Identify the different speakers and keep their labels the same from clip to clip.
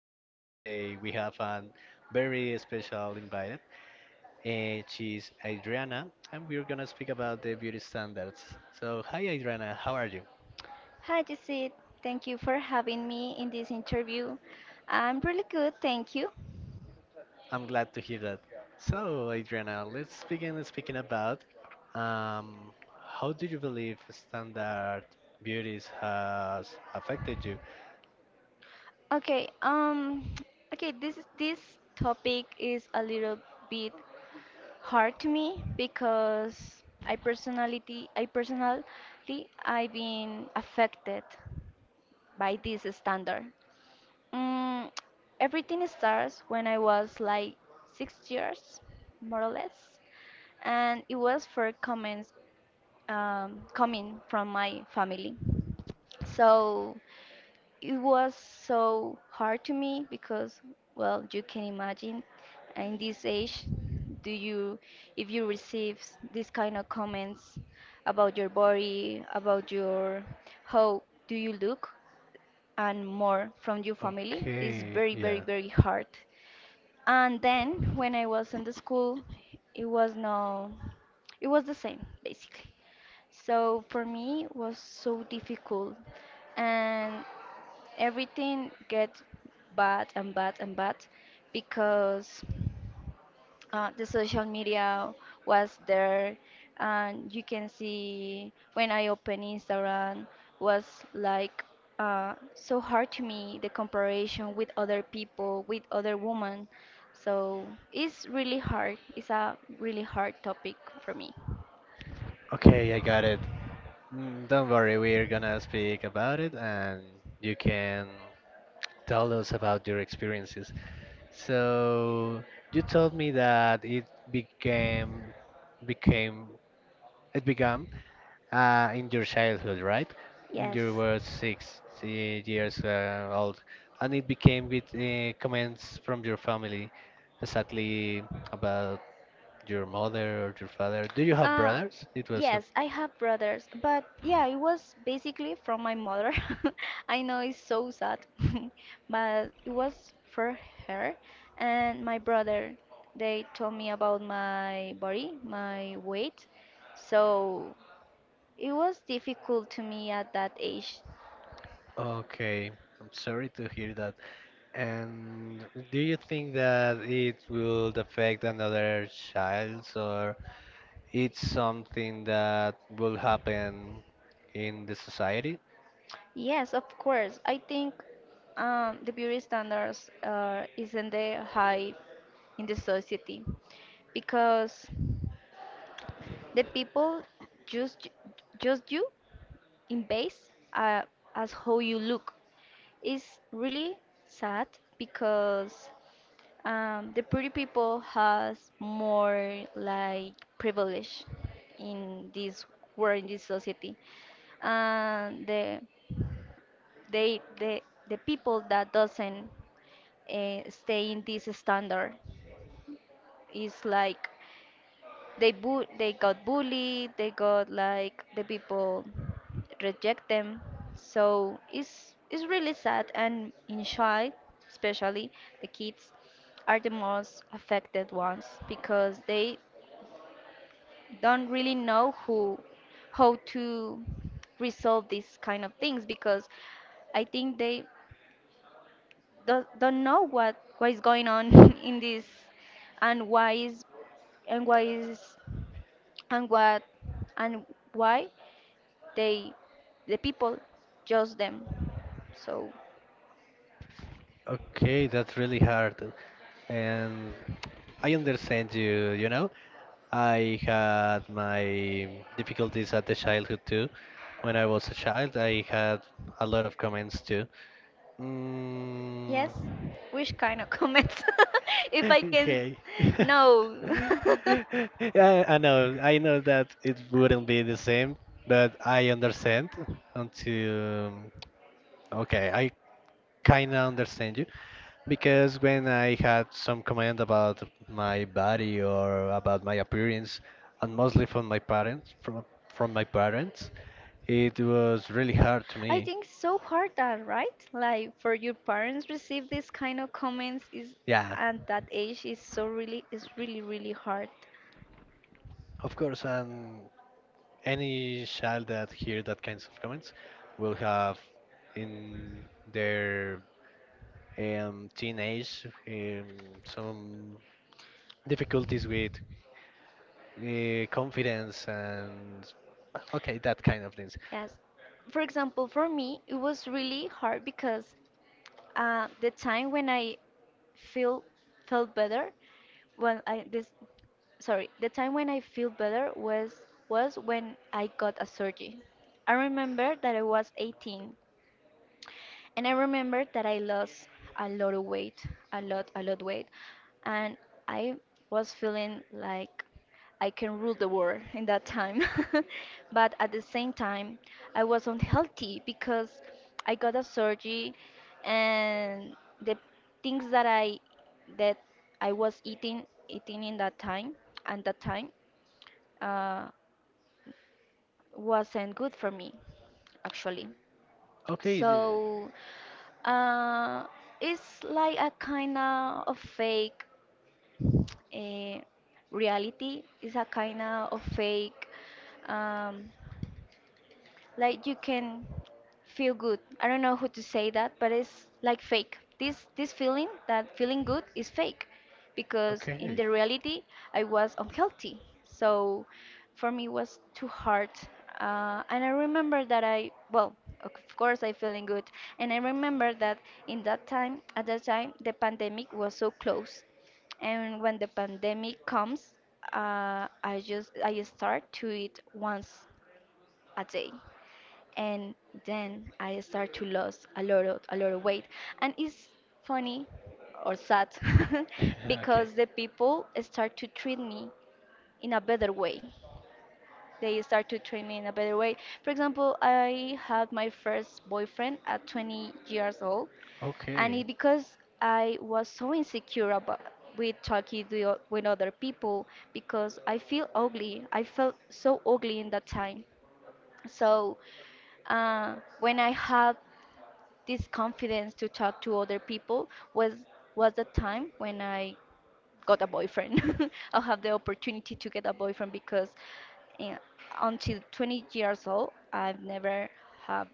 Speaker 1: Yesid. Today we have a very special invited, and she's Adriana, and we're gonna speak about the beauty standards. So, hi, Adriana, how are you?
Speaker 2: Hi, Jesse. Thank you for having me in this interview. I'm really good, thank you.
Speaker 1: I'm glad to hear that. So, Adriana, let's begin speaking about um, how do you believe standard beauties has affected you?
Speaker 2: Okay, um, okay, this topic is a little bit hard to me because I personally, I've been affected by this standard. Mm, everything starts when I was like 6 years, more or less, and it was for comments coming from my family. So it was so hard to me because, well, you can imagine in this age, do you, if you receive this kind of comments about your body, how do you look, and more from your family, is
Speaker 1: Okay,
Speaker 2: very, very,
Speaker 1: yeah.
Speaker 2: very hard. And then when I was in the school, it was no, it was the same basically. So for me it was so difficult and everything gets bad and bad and bad because the social media was there, and you can see when I open Instagram, was like so hard to me the comparison with other people, with other women. So it's really hard, it's a really hard topic for me.
Speaker 1: Okay, I got it. Mm, don't worry, we're gonna speak about it, and you can tell us about your experiences. So you told me that it became became it began in your childhood, right? When
Speaker 2: Yes.
Speaker 1: you were six years old, and it became with comments from your family, exactly about your mother or your father. Do you have
Speaker 2: Uh,
Speaker 1: brothers? It was.
Speaker 2: yes, I have brothers, but yeah, it was basically from my mother. I know it's so sad, but it was for her and my brother. They told me about my body, my weight, so it was difficult to me at that age.
Speaker 1: Okay, I'm sorry to hear that. And do you think that it will affect another child, or it's something that will happen in the society?
Speaker 2: Yes, of course. I think the beauty standards isn't the high in the society because the people just just you in base as how you look. It's really sad because the pretty people has more like privilege in this world, in this society, and the the people that doesn't stay in this standard is like they got bullied, they got like the people reject them. So it's really sad, and in child, especially, the kids are the most affected ones because they don't really know who how to resolve these kind of things because I think they don't know what is going on in this. And why is and why is and what and Why they the people judge them. So
Speaker 1: Okay, that's really hard. And I understand you, you know. I had my difficulties at the childhood too. When I was a child, I had a lot of comments too.
Speaker 2: yes,
Speaker 1: Mm.
Speaker 2: which kind of comments? If I can,
Speaker 1: Okay.
Speaker 2: no.
Speaker 1: I know, I know that it wouldn't be the same, but I understand until, okay, I kind of understand you because when I had some comment about my body or about my appearance, and mostly from my parents, from my parents, it was really hard to
Speaker 2: I
Speaker 1: me.
Speaker 2: think so hard that, right, like for your parents receive this kind of comments is
Speaker 1: Yeah.
Speaker 2: at that age, is so really, is really really hard.
Speaker 1: Of course, and any child that hear that kinds of comments will have in their teenage some difficulties with confidence and okay, that kind of things.
Speaker 2: Yes. For example, for me, it was really hard because the time when I feel felt better when I this sorry, the time when I feel better was when I got a surgery. I remember that I was 18, and I remember that I lost a lot of weight, a lot weight, and I was feeling like I can rule the world in that time. But at the same time, I was unhealthy because I got a surgery, and the things that I was eating in that time and that time uh, wasn't good for me, actually.
Speaker 1: Okay,
Speaker 2: So uh, it's like a kind of fake uh, reality. It's a kind of fake. Um, like you can feel good. I don't know who to say that, but it's like fake. This feeling, that feeling good is fake because in
Speaker 1: okay.
Speaker 2: the reality I was unhealthy. So for me it was too hard. And I remember that I well of course I feeling good, and I remember that in that time at that time the pandemic was so close, and when the pandemic comes, I start to eat once a day, and then I start to lose a lot of weight. And it's funny or sad because the people start to treat me in a better way. They start to treat me in a better way. For example, I had my first boyfriend at 20 years old, and it because I was so insecure about with talking to, with other people because I feel ugly. I felt so ugly in that time. So when I had this confidence to talk to other people was the time when I got a boyfriend or have the opportunity to get a boyfriend because yeah, until 20 years old, I've never had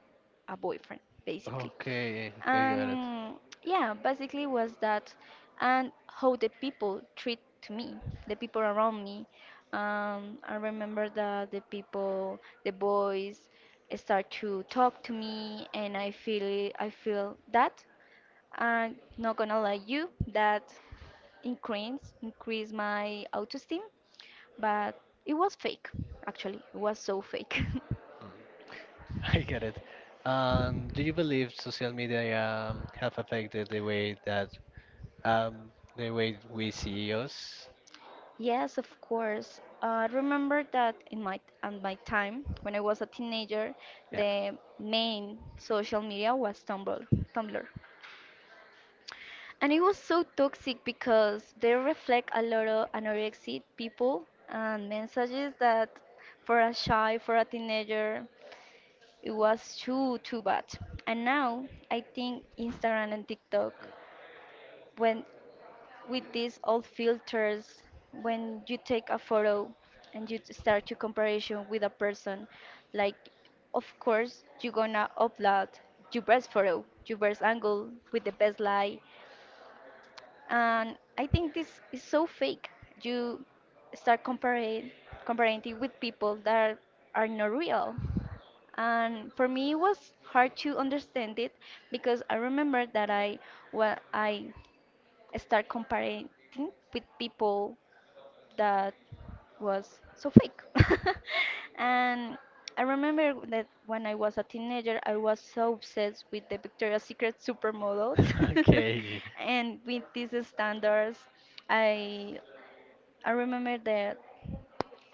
Speaker 2: a boyfriend, basically.
Speaker 1: Okay, ok, I got it.
Speaker 2: And yeah, basically was that, and how the people treat to me, the people around me. I remember that the people, the boys, start to talk to me, and I feel that I'm not gonna lie you that increase my autoesteem, but it was fake. Actually, it was so fake.
Speaker 1: Mm. I get it. Do you believe social media have affected the way that the way we see us?
Speaker 2: Yes, of course. I remember that in my at my time when I was a teenager,
Speaker 1: Yeah.
Speaker 2: the main social media was Tumblr. Tumblr, and it was so toxic because they reflect a lot of anorexic people and messages that for a shy, for a teenager, it was too too bad. And now I think Instagram and TikTok, when with these old filters, when you take a photo and you start your comparison with a person, like of course you're gonna upload your best photo, your best angle with the best light, and I think this is so fake. You start comparing it with people that are not real. And for me, it was hard to understand it because I remember that I start comparing with people that was so fake. And I remember that when I was a teenager, I was so obsessed with the Victoria's Secret supermodels and with these standards. I I remember that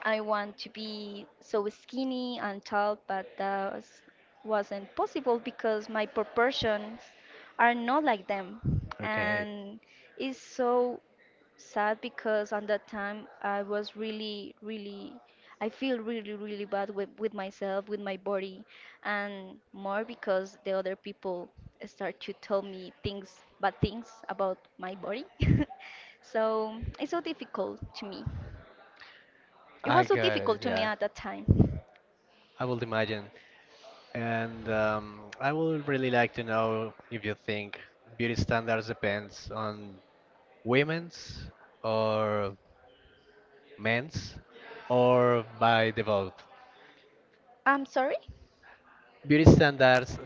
Speaker 2: I want to be so skinny and tall, but wasn't possible because my proportions are not like them.
Speaker 1: Okay,
Speaker 2: And it's so sad because at that time I was really, really, I feel really, really bad with myself, with my body, and more because the other people start to tell me things, bad things about my body. So it's so difficult to me. It
Speaker 1: I
Speaker 2: was so
Speaker 1: got it.
Speaker 2: difficult to me
Speaker 1: Yeah,
Speaker 2: at that time.
Speaker 1: I will imagine, and I would really like to know if you think beauty standards depends on women's or men's or by the vote.
Speaker 2: I'm sorry?
Speaker 1: Beauty standards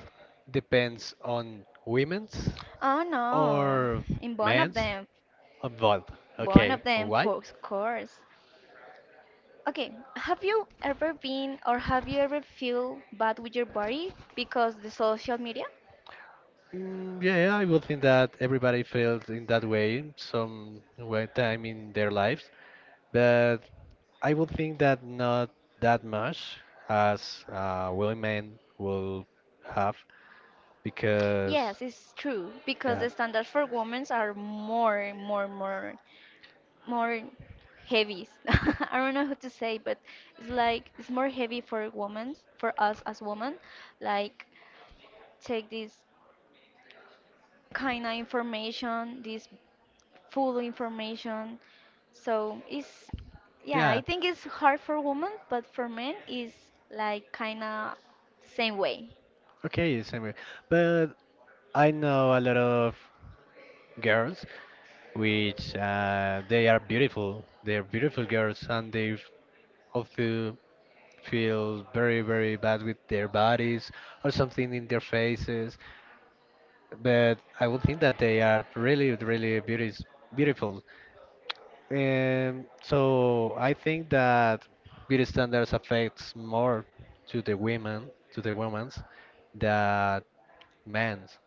Speaker 1: depends on women's
Speaker 2: Oh no,
Speaker 1: or
Speaker 2: in
Speaker 1: men's or both.
Speaker 2: one
Speaker 1: Okay,
Speaker 2: of them,
Speaker 1: why?
Speaker 2: for of course. Okay, have you ever been or have you ever feel bad with your body because the social media?
Speaker 1: Mm, yeah, yeah, I would think that everybody feels in that way some way time in their lives, but I would think that not that much as willing men will have because
Speaker 2: Yes, it's true because
Speaker 1: yeah,
Speaker 2: the standards for women are more, more, more. More heavy. I don't know how to say, but it's like it's more heavy for women, for us as women. Like take this kind of information, this full information. So it's yeah, I
Speaker 1: yeah.
Speaker 2: think it's hard for women, but for men it's like kind of same way.
Speaker 1: Okay, same here. But I know a lot of girls which they are beautiful. They are beautiful girls and they all feel very very bad with their bodies or something in their faces, but I would think that they are really really beauties, beautiful. So I think that beauty standards affects more to the women, to the women's than men's.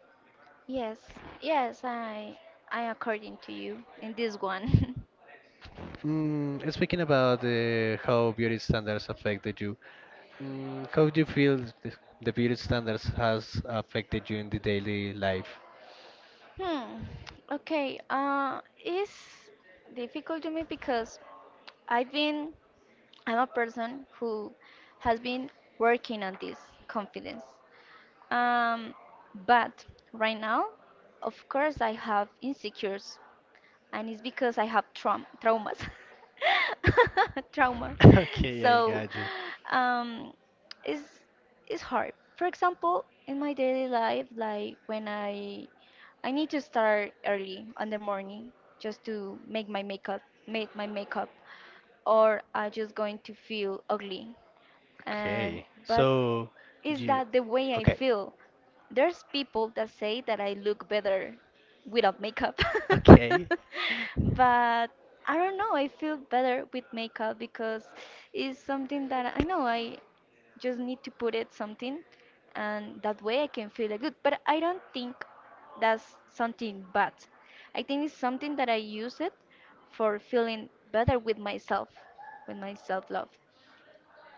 Speaker 2: Yes, yes, I according to you in this one.
Speaker 1: Mm, speaking about how beauty standards affected you, mm, how do you feel the beauty standards has affected you in the daily life?
Speaker 2: Hmm. Okay. It's difficult to me because I've been, I'm a person who has been working on this confidence. Um, but right now, of course, I have insecurities, and it's because I have traumas, trauma.
Speaker 1: Okay, I
Speaker 2: So
Speaker 1: got you.
Speaker 2: um, it's it's hard. For example, in my daily life, like when I need to start early on the morning just to make my makeup, or I just going to feel ugly. And
Speaker 1: Okay,
Speaker 2: but
Speaker 1: so
Speaker 2: is
Speaker 1: you
Speaker 2: that the way I
Speaker 1: okay?
Speaker 2: feel? There's people that say that I look better without makeup. But I don't know, I feel better with makeup because it's something that I know I just need to put it something, and that
Speaker 1: Okay.
Speaker 2: way I can feel good. But I don't think that's something bad. I think it's something that I use it for feeling better with myself, with my self love.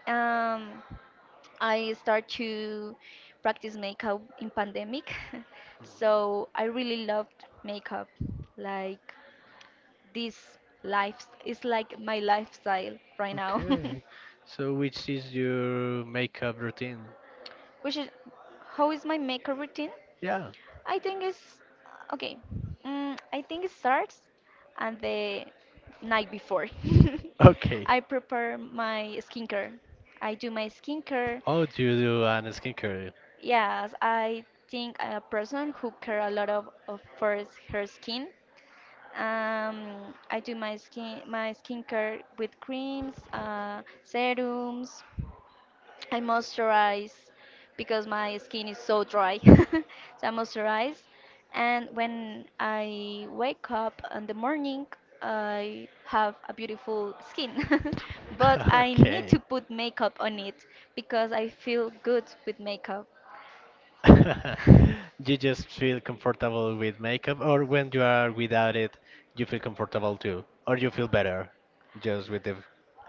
Speaker 2: Um, I start to practice makeup in pandemic, so I really loved makeup. Like this life is like my lifestyle right now.
Speaker 1: Okay. So which is your makeup routine?
Speaker 2: Which is, how is my makeup routine?
Speaker 1: Yeah.
Speaker 2: I think it's okay. I think it starts and the night before.
Speaker 1: Okay.
Speaker 2: I prepare my skincare. I do my skincare.
Speaker 1: Oh, do you do an skincare?
Speaker 2: Yes, I think a person who care a lot of for her skin. I do my skincare with creams, serums. I moisturize because my skin is so dry. So I moisturize, and when I wake up in the morning, I have a beautiful skin. But I need to put makeup on it because
Speaker 1: Okay.
Speaker 2: I feel good with makeup.
Speaker 1: You just feel comfortable with makeup, or when you are without it, you feel comfortable too, or you feel better just with the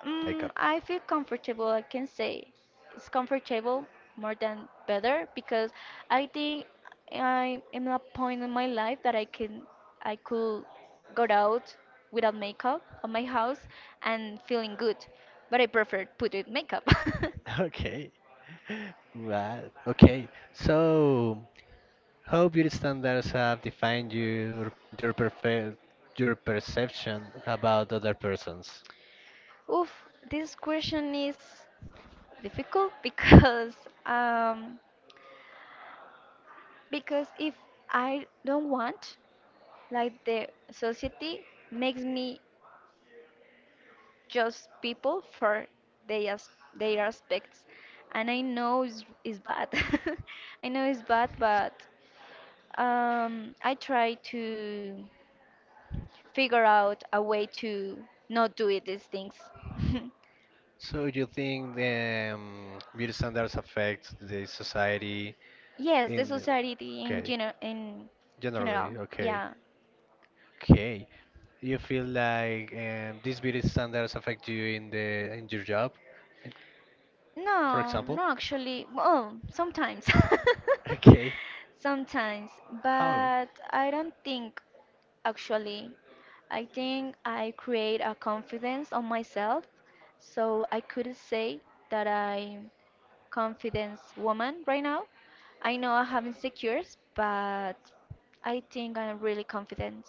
Speaker 1: makeup.
Speaker 2: I feel comfortable, I can say. It's comfortable more than better because I think I am at a point in my life that I could go out without makeup on my house and feeling good. But I prefer put it makeup.
Speaker 1: Okay. Right. Okay. So, how beauty standards have defined your perfe your perception about other persons?
Speaker 2: Oof, this question is difficult um because if I don't want, like the society makes me just people for their their aspects, and I know it's bad. I know it's bad, but I try to figure out a way to not do it, these things.
Speaker 1: So, you think the beauty standards affect the society,
Speaker 2: Yes, the
Speaker 1: in the,
Speaker 2: society
Speaker 1: okay.
Speaker 2: in general,
Speaker 1: Generally, okay,
Speaker 2: yeah.
Speaker 1: okay. Do you feel like these beauty standards affect you in the, in your job, in- for
Speaker 2: No,
Speaker 1: example?
Speaker 2: no, actually, well, sometimes.
Speaker 1: Okay.
Speaker 2: Sometimes,
Speaker 1: How?
Speaker 2: but I don't think actually. I think I create a confidence on myself, so I could say that I'm confidence woman right now. I know I have insecures, but I think I'm really confident.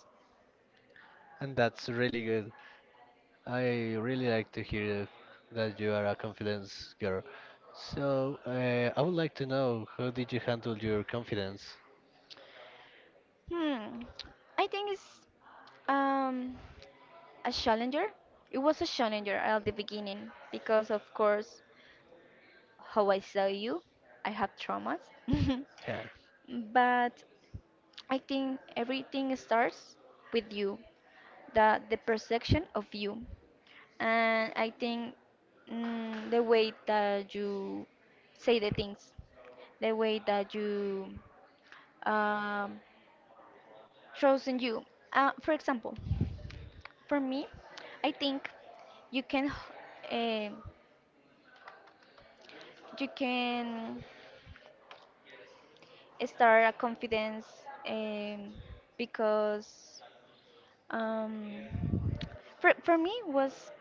Speaker 1: And that's really good. I really like to hear that you are a confidence girl. So, I would like to know how did you handle your confidence?
Speaker 2: Hmm, I think it's um a challenger. It was a challenger at the beginning because of course how I saw you. I have traumas.
Speaker 1: Yeah.
Speaker 2: But I think everything starts with you, the perception of you. And I think the way that you say the things, the way that you um, trust in you. For example, for me, I think you can h- um you can start a confidence um, because um, for me was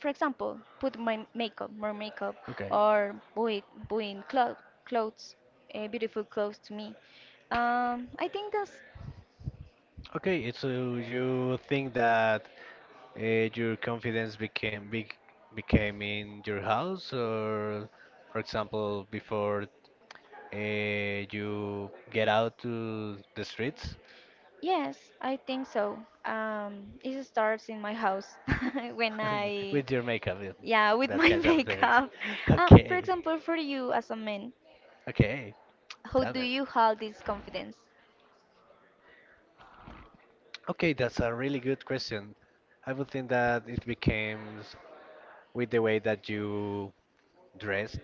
Speaker 2: for example put my makeup more makeup
Speaker 1: Okay.
Speaker 2: or buying clo- clothes beautiful clothes to me, I think that's
Speaker 1: Okay, so you think that uh, your confidence became big, became in your house, or for example, before you get out to the streets?
Speaker 2: yes I think so. It starts in my house when I
Speaker 1: With your makeup, yeah,
Speaker 2: yeah with
Speaker 1: that
Speaker 2: my
Speaker 1: kind of things.
Speaker 2: makeup. For
Speaker 1: Okay,
Speaker 2: example, for you as a man,
Speaker 1: okay,
Speaker 2: how
Speaker 1: tell
Speaker 2: do
Speaker 1: me.
Speaker 2: you hold this confidence?
Speaker 1: Okay, that's a really good question. I would think that it becomes with the way that you dressed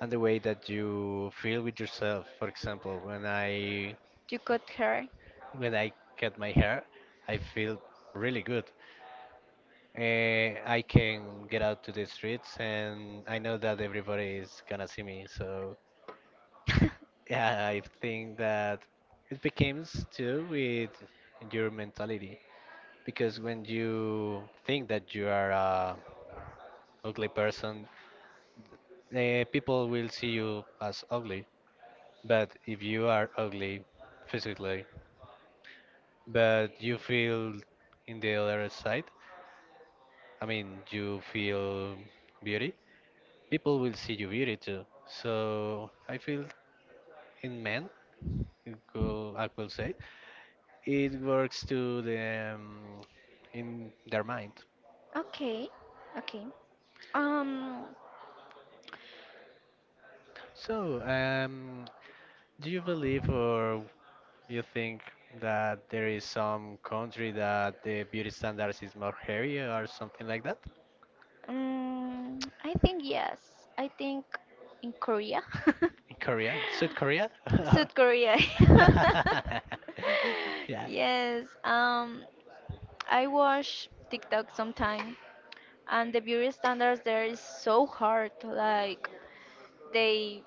Speaker 1: and the way that you feel with yourself. For example,
Speaker 2: You cut hair.
Speaker 1: when I cut my hair, I feel really good. I can get out to the streets and I know that everybody is gonna see me. So yeah, I think that it becomes too with your mentality, because when you think that you are a ugly person, people will see you as ugly. But if you are ugly physically, but you feel in the other side, I mean, you feel beauty, people will see you beauty too. So I feel in men, it could, I could say, it works to the in their mind.
Speaker 2: Okay, okay. Um,
Speaker 1: So, do you believe or you think that there is some country that the beauty standards is more hairy or something like that?
Speaker 2: I think yes. I think in Korea.
Speaker 1: In Korea? South Korea?
Speaker 2: South Korea.
Speaker 1: Yeah.
Speaker 2: Yes. I watch TikTok sometime, and the beauty standards there is so hard. Like they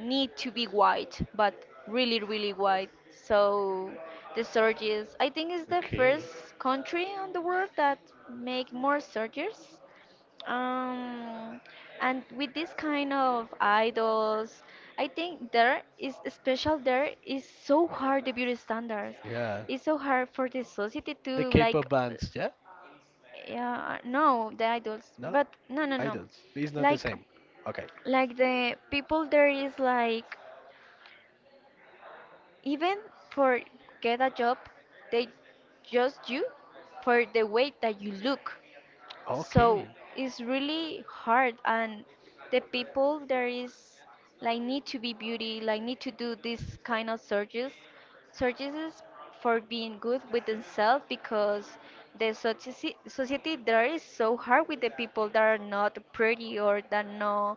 Speaker 2: need to be white, but really, really white. So the surgeries, I think, is the
Speaker 1: Okay.
Speaker 2: first country on the world that make more surgeries. Um, and with this kind of idols, I think there is special. There is so hard the beauty standards.
Speaker 1: Yeah.
Speaker 2: It's so hard for the society
Speaker 1: The
Speaker 2: to like,
Speaker 1: K-pop bands, yeah?
Speaker 2: yeah, no, the idols,
Speaker 1: No?
Speaker 2: but no, no, no,
Speaker 1: Idols. It's not the
Speaker 2: like
Speaker 1: same. Okay.
Speaker 2: like the people there is like even for get a job they judge you for the way that you look, so
Speaker 1: Okay.
Speaker 2: it's really hard and the people there is like need to be beauty like need to do this kind of searches searches for being good with themselves because the society there is so hard with the people that are not pretty or that no,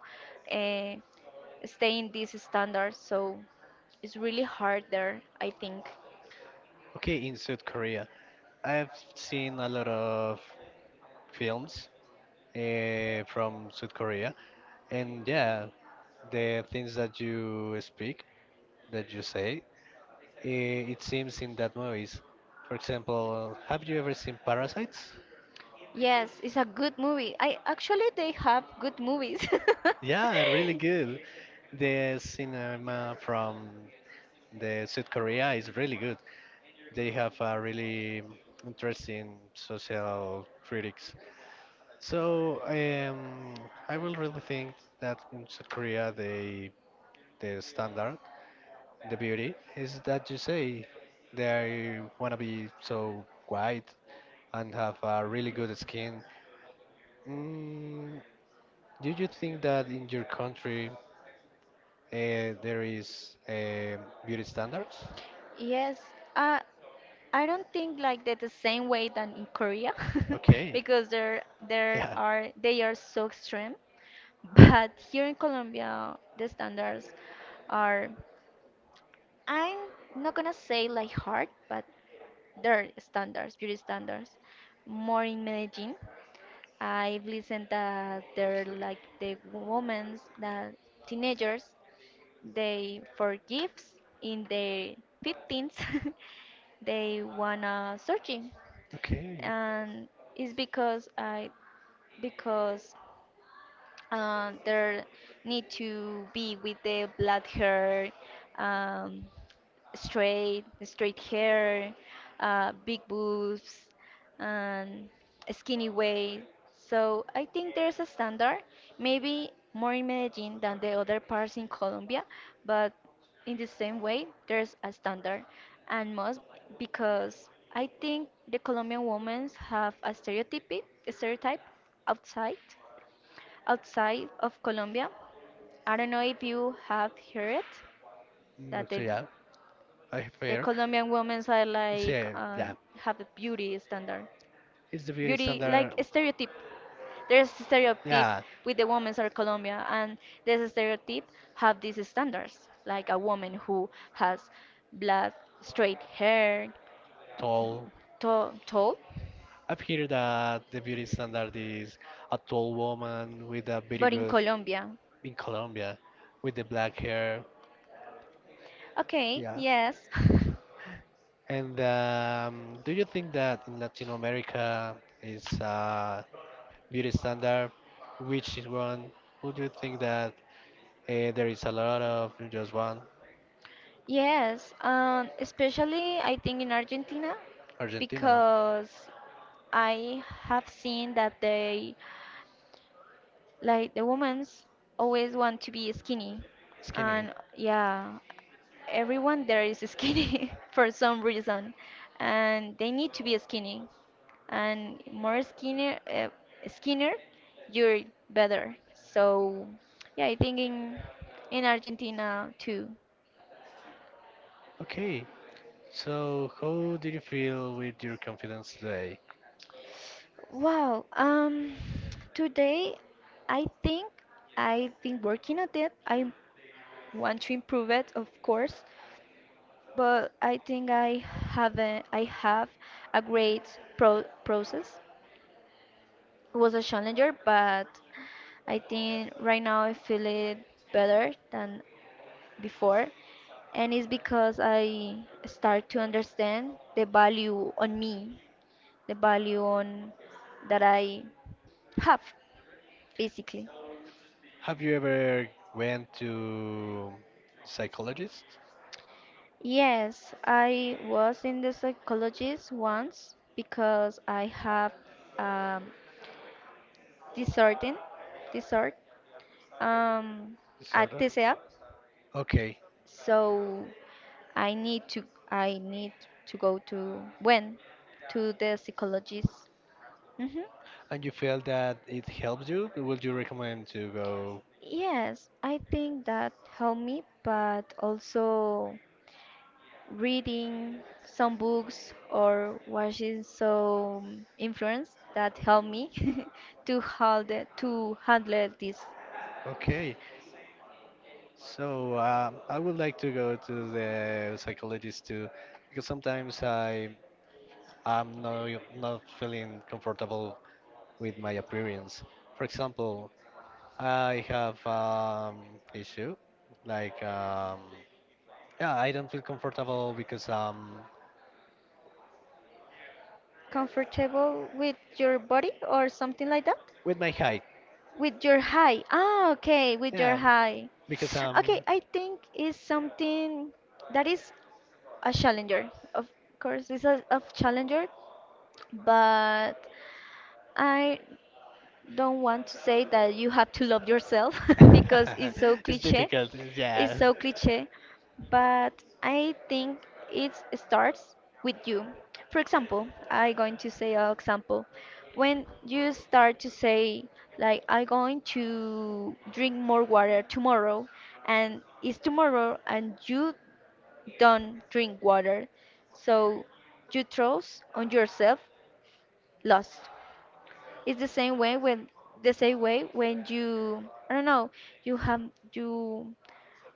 Speaker 2: uh, stay in these standards, so it's really hard there I think.
Speaker 1: Okay, in South Korea. I've seen a lot of films from South Korea. And yeah, the things that you speak, that you say, eh, it seems in that movies. For example, have you ever seen Parasites?
Speaker 2: Yes, it's a good movie, I actually they have good movies.
Speaker 1: Yeah, really good. The cinema from the South Korea is really good. They have a really interesting social critics. So I will really think that in South Korea they the standard, the beauty is that you say they want to be so white and have a really good skin. Mm, do you think that in your country there is beauty standards?
Speaker 2: Yes, uh, I don't think like that the same way than in Korea,
Speaker 1: Okay.
Speaker 2: because there
Speaker 1: Yeah.
Speaker 2: are they are so extreme. But here in Colombia, the standards are I'm not gonna say like hard, but their standards, beauty standards, more in Medellin. I've listened that they're
Speaker 1: Mostly.
Speaker 2: like the women's, the teenagers, they forgives in their 15s they wanna searching,
Speaker 1: Okay.
Speaker 2: and it's because I because there need to be with the black hair, um, straight hair, big boobs, and skinny waist. So I think there's a standard, maybe more in Medellin than the other parts in Colombia, but in the same way, there's a standard, and most because I think the Colombian women have a stereotype outside outside of Colombia. I don't know if you have heard it,
Speaker 1: Mm,
Speaker 2: that
Speaker 1: so yeah, I
Speaker 2: the
Speaker 1: fair.
Speaker 2: Colombian women are like
Speaker 1: So yeah,
Speaker 2: have a beauty standard,
Speaker 1: it's the beauty
Speaker 2: beauty like
Speaker 1: standard.
Speaker 2: a stereotype. There's a stereotype
Speaker 1: Yeah,
Speaker 2: with the women are Colombia, and this stereotype have these standards, like a woman who has black straight hair,
Speaker 1: tall.
Speaker 2: tall, tall.
Speaker 1: I've heard that the beauty standard is a tall woman with a very
Speaker 2: But in
Speaker 1: good
Speaker 2: Colombia,
Speaker 1: in Colombia, with the black hair.
Speaker 2: okay,
Speaker 1: Yeah.
Speaker 2: yes.
Speaker 1: And do you think that in Latin America is a beauty standard? Which is one? Would you think that there is a lot of just one?
Speaker 2: Yes, especially I think in Argentina
Speaker 1: Argentina,
Speaker 2: because I have seen that they like the women's always want to be skinny
Speaker 1: skinny.
Speaker 2: and yeah, everyone there is skinny for some reason and they need to be skinny and more skinnier you're better. So yeah, I think in Argentina too.
Speaker 1: Okay. So how do you feel with your confidence today?
Speaker 2: Wow. Today, I think I've been working at it. I want to improve it, of course, but I think I I have a great process. It was a challenger, but I think right now I feel it better than before, and it's because I start to understand the value on me, the value on that I have. Basically.
Speaker 1: Have you ever went to psychologist
Speaker 2: Yes, I was in the psychologist once because I have um, disordin, disord, um, a
Speaker 1: disorder?
Speaker 2: TCA,
Speaker 1: Okay.
Speaker 2: so I need to I need to go to when to the psychologist. hmm
Speaker 1: And you feel that it helps you? Would you recommend to go?
Speaker 2: Yes, I think that helped me, but also reading some books or watching some influence that help me to hold to handle this.
Speaker 1: Okay. So I would like to go to the psychologist too, because sometimes I I'm not, not feeling comfortable with my appearance. For example, I have issue like yeah I don't feel comfortable because
Speaker 2: Comfortable with your body or something like that,
Speaker 1: with my height.
Speaker 2: with your high, ah, okay, with your
Speaker 1: Yeah,
Speaker 2: high.
Speaker 1: because
Speaker 2: Okay, I think is something that is a challenger, of course it's a challenger, but I don't want to say that you have to love yourself because it's so
Speaker 1: it's
Speaker 2: cliche.
Speaker 1: difficult.
Speaker 2: It's
Speaker 1: Yeah,
Speaker 2: so cliche, but I think it starts with you. For example, I going to say an example. When you start to say like I going to drink more water tomorrow, and it's tomorrow and you don't drink water, so you trust on yourself lost. It's the same way when you I don't know you have you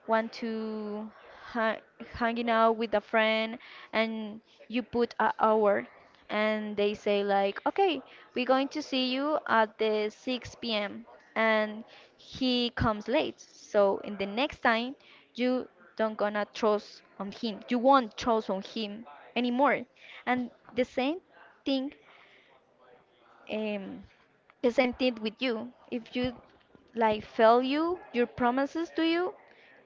Speaker 2: want to ha hanging out with a friend, and you put an hour and they say like okay, we're going to see you at the 6 p.m., and he comes late, so in the next time you don't gonna trust on him you won't trust on him anymore. And thing um, the same thing with you. If you like fail you, your promises to you,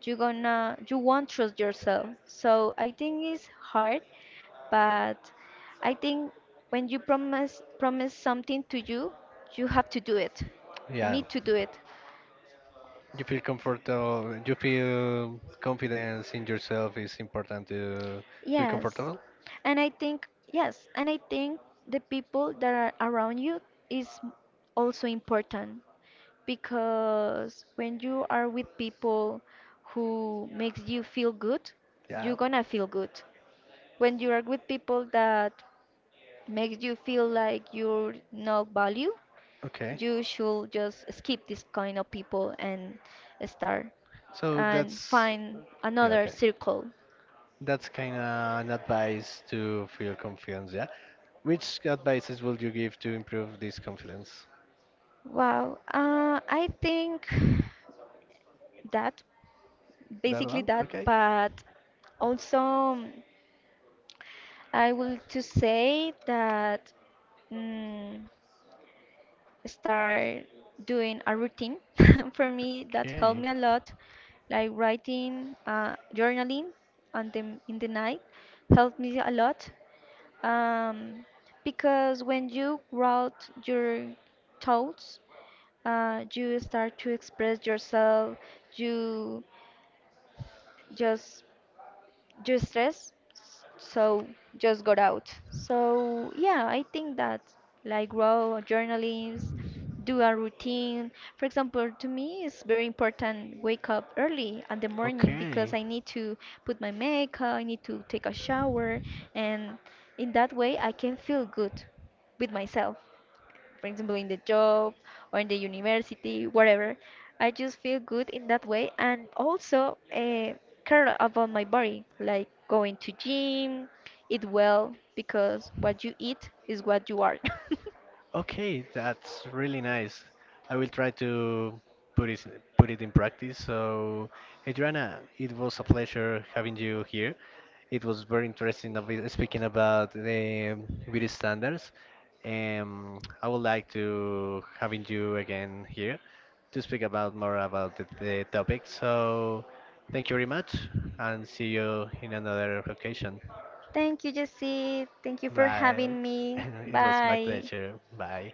Speaker 2: you gonna you won't trust yourself. So I think it's hard, but I think when you promise something to you, you have to do it. You
Speaker 1: yeah.
Speaker 2: need to do it.
Speaker 1: You feel comfortable. You feel confidence in yourself. It's important to feel
Speaker 2: Yes.
Speaker 1: comfortable.
Speaker 2: And I think yes, and I think the people that are around you is also important, because when you are with people who makes you feel good, you're
Speaker 1: Yeah.
Speaker 2: gonna feel good. When you are with people that makes you feel like you're not value,
Speaker 1: Okay.
Speaker 2: you should just skip this kind of people and start
Speaker 1: So
Speaker 2: and
Speaker 1: that's
Speaker 2: find
Speaker 1: yeah.
Speaker 2: another
Speaker 1: Okay.
Speaker 2: circle.
Speaker 1: That's kind of an advice to feel confidence. Yeah. Which advices would you give to improve this confidence?
Speaker 2: Wow, I think that
Speaker 1: That
Speaker 2: basically
Speaker 1: one.
Speaker 2: that,
Speaker 1: Okay.
Speaker 2: but also I will to say that, mm, start doing a routine for me that helped
Speaker 1: Okay.
Speaker 2: me a lot, like writing, journaling on the in the night, helped me a lot, um, because when you write your thoughts, you start to express yourself. You just just stress, so just got out. So yeah, I think that like raw journaling, do a routine. For example, to me it's very important wake up early in the morning because
Speaker 1: Okay.
Speaker 2: I need to put my makeup, I need to take a shower, and in that way I can feel good with myself, for example, in the job or in the university, whatever. I just feel good in that way, and also care about my body, like going to gym, eat well, because what you eat is what you are.
Speaker 1: Okay, that's really nice. I will try to put it put it in practice. So, Adriana, it was a pleasure having you here. It was very interesting of speaking about the beauty standards. I would like to having you again here to speak about more about the topic. So, thank you very much, and see you in another occasion.
Speaker 2: Thank you, Jesse. Thank you for
Speaker 1: Bye.
Speaker 2: having me.
Speaker 1: It was my
Speaker 2: Bye.
Speaker 1: pleasure. Bye.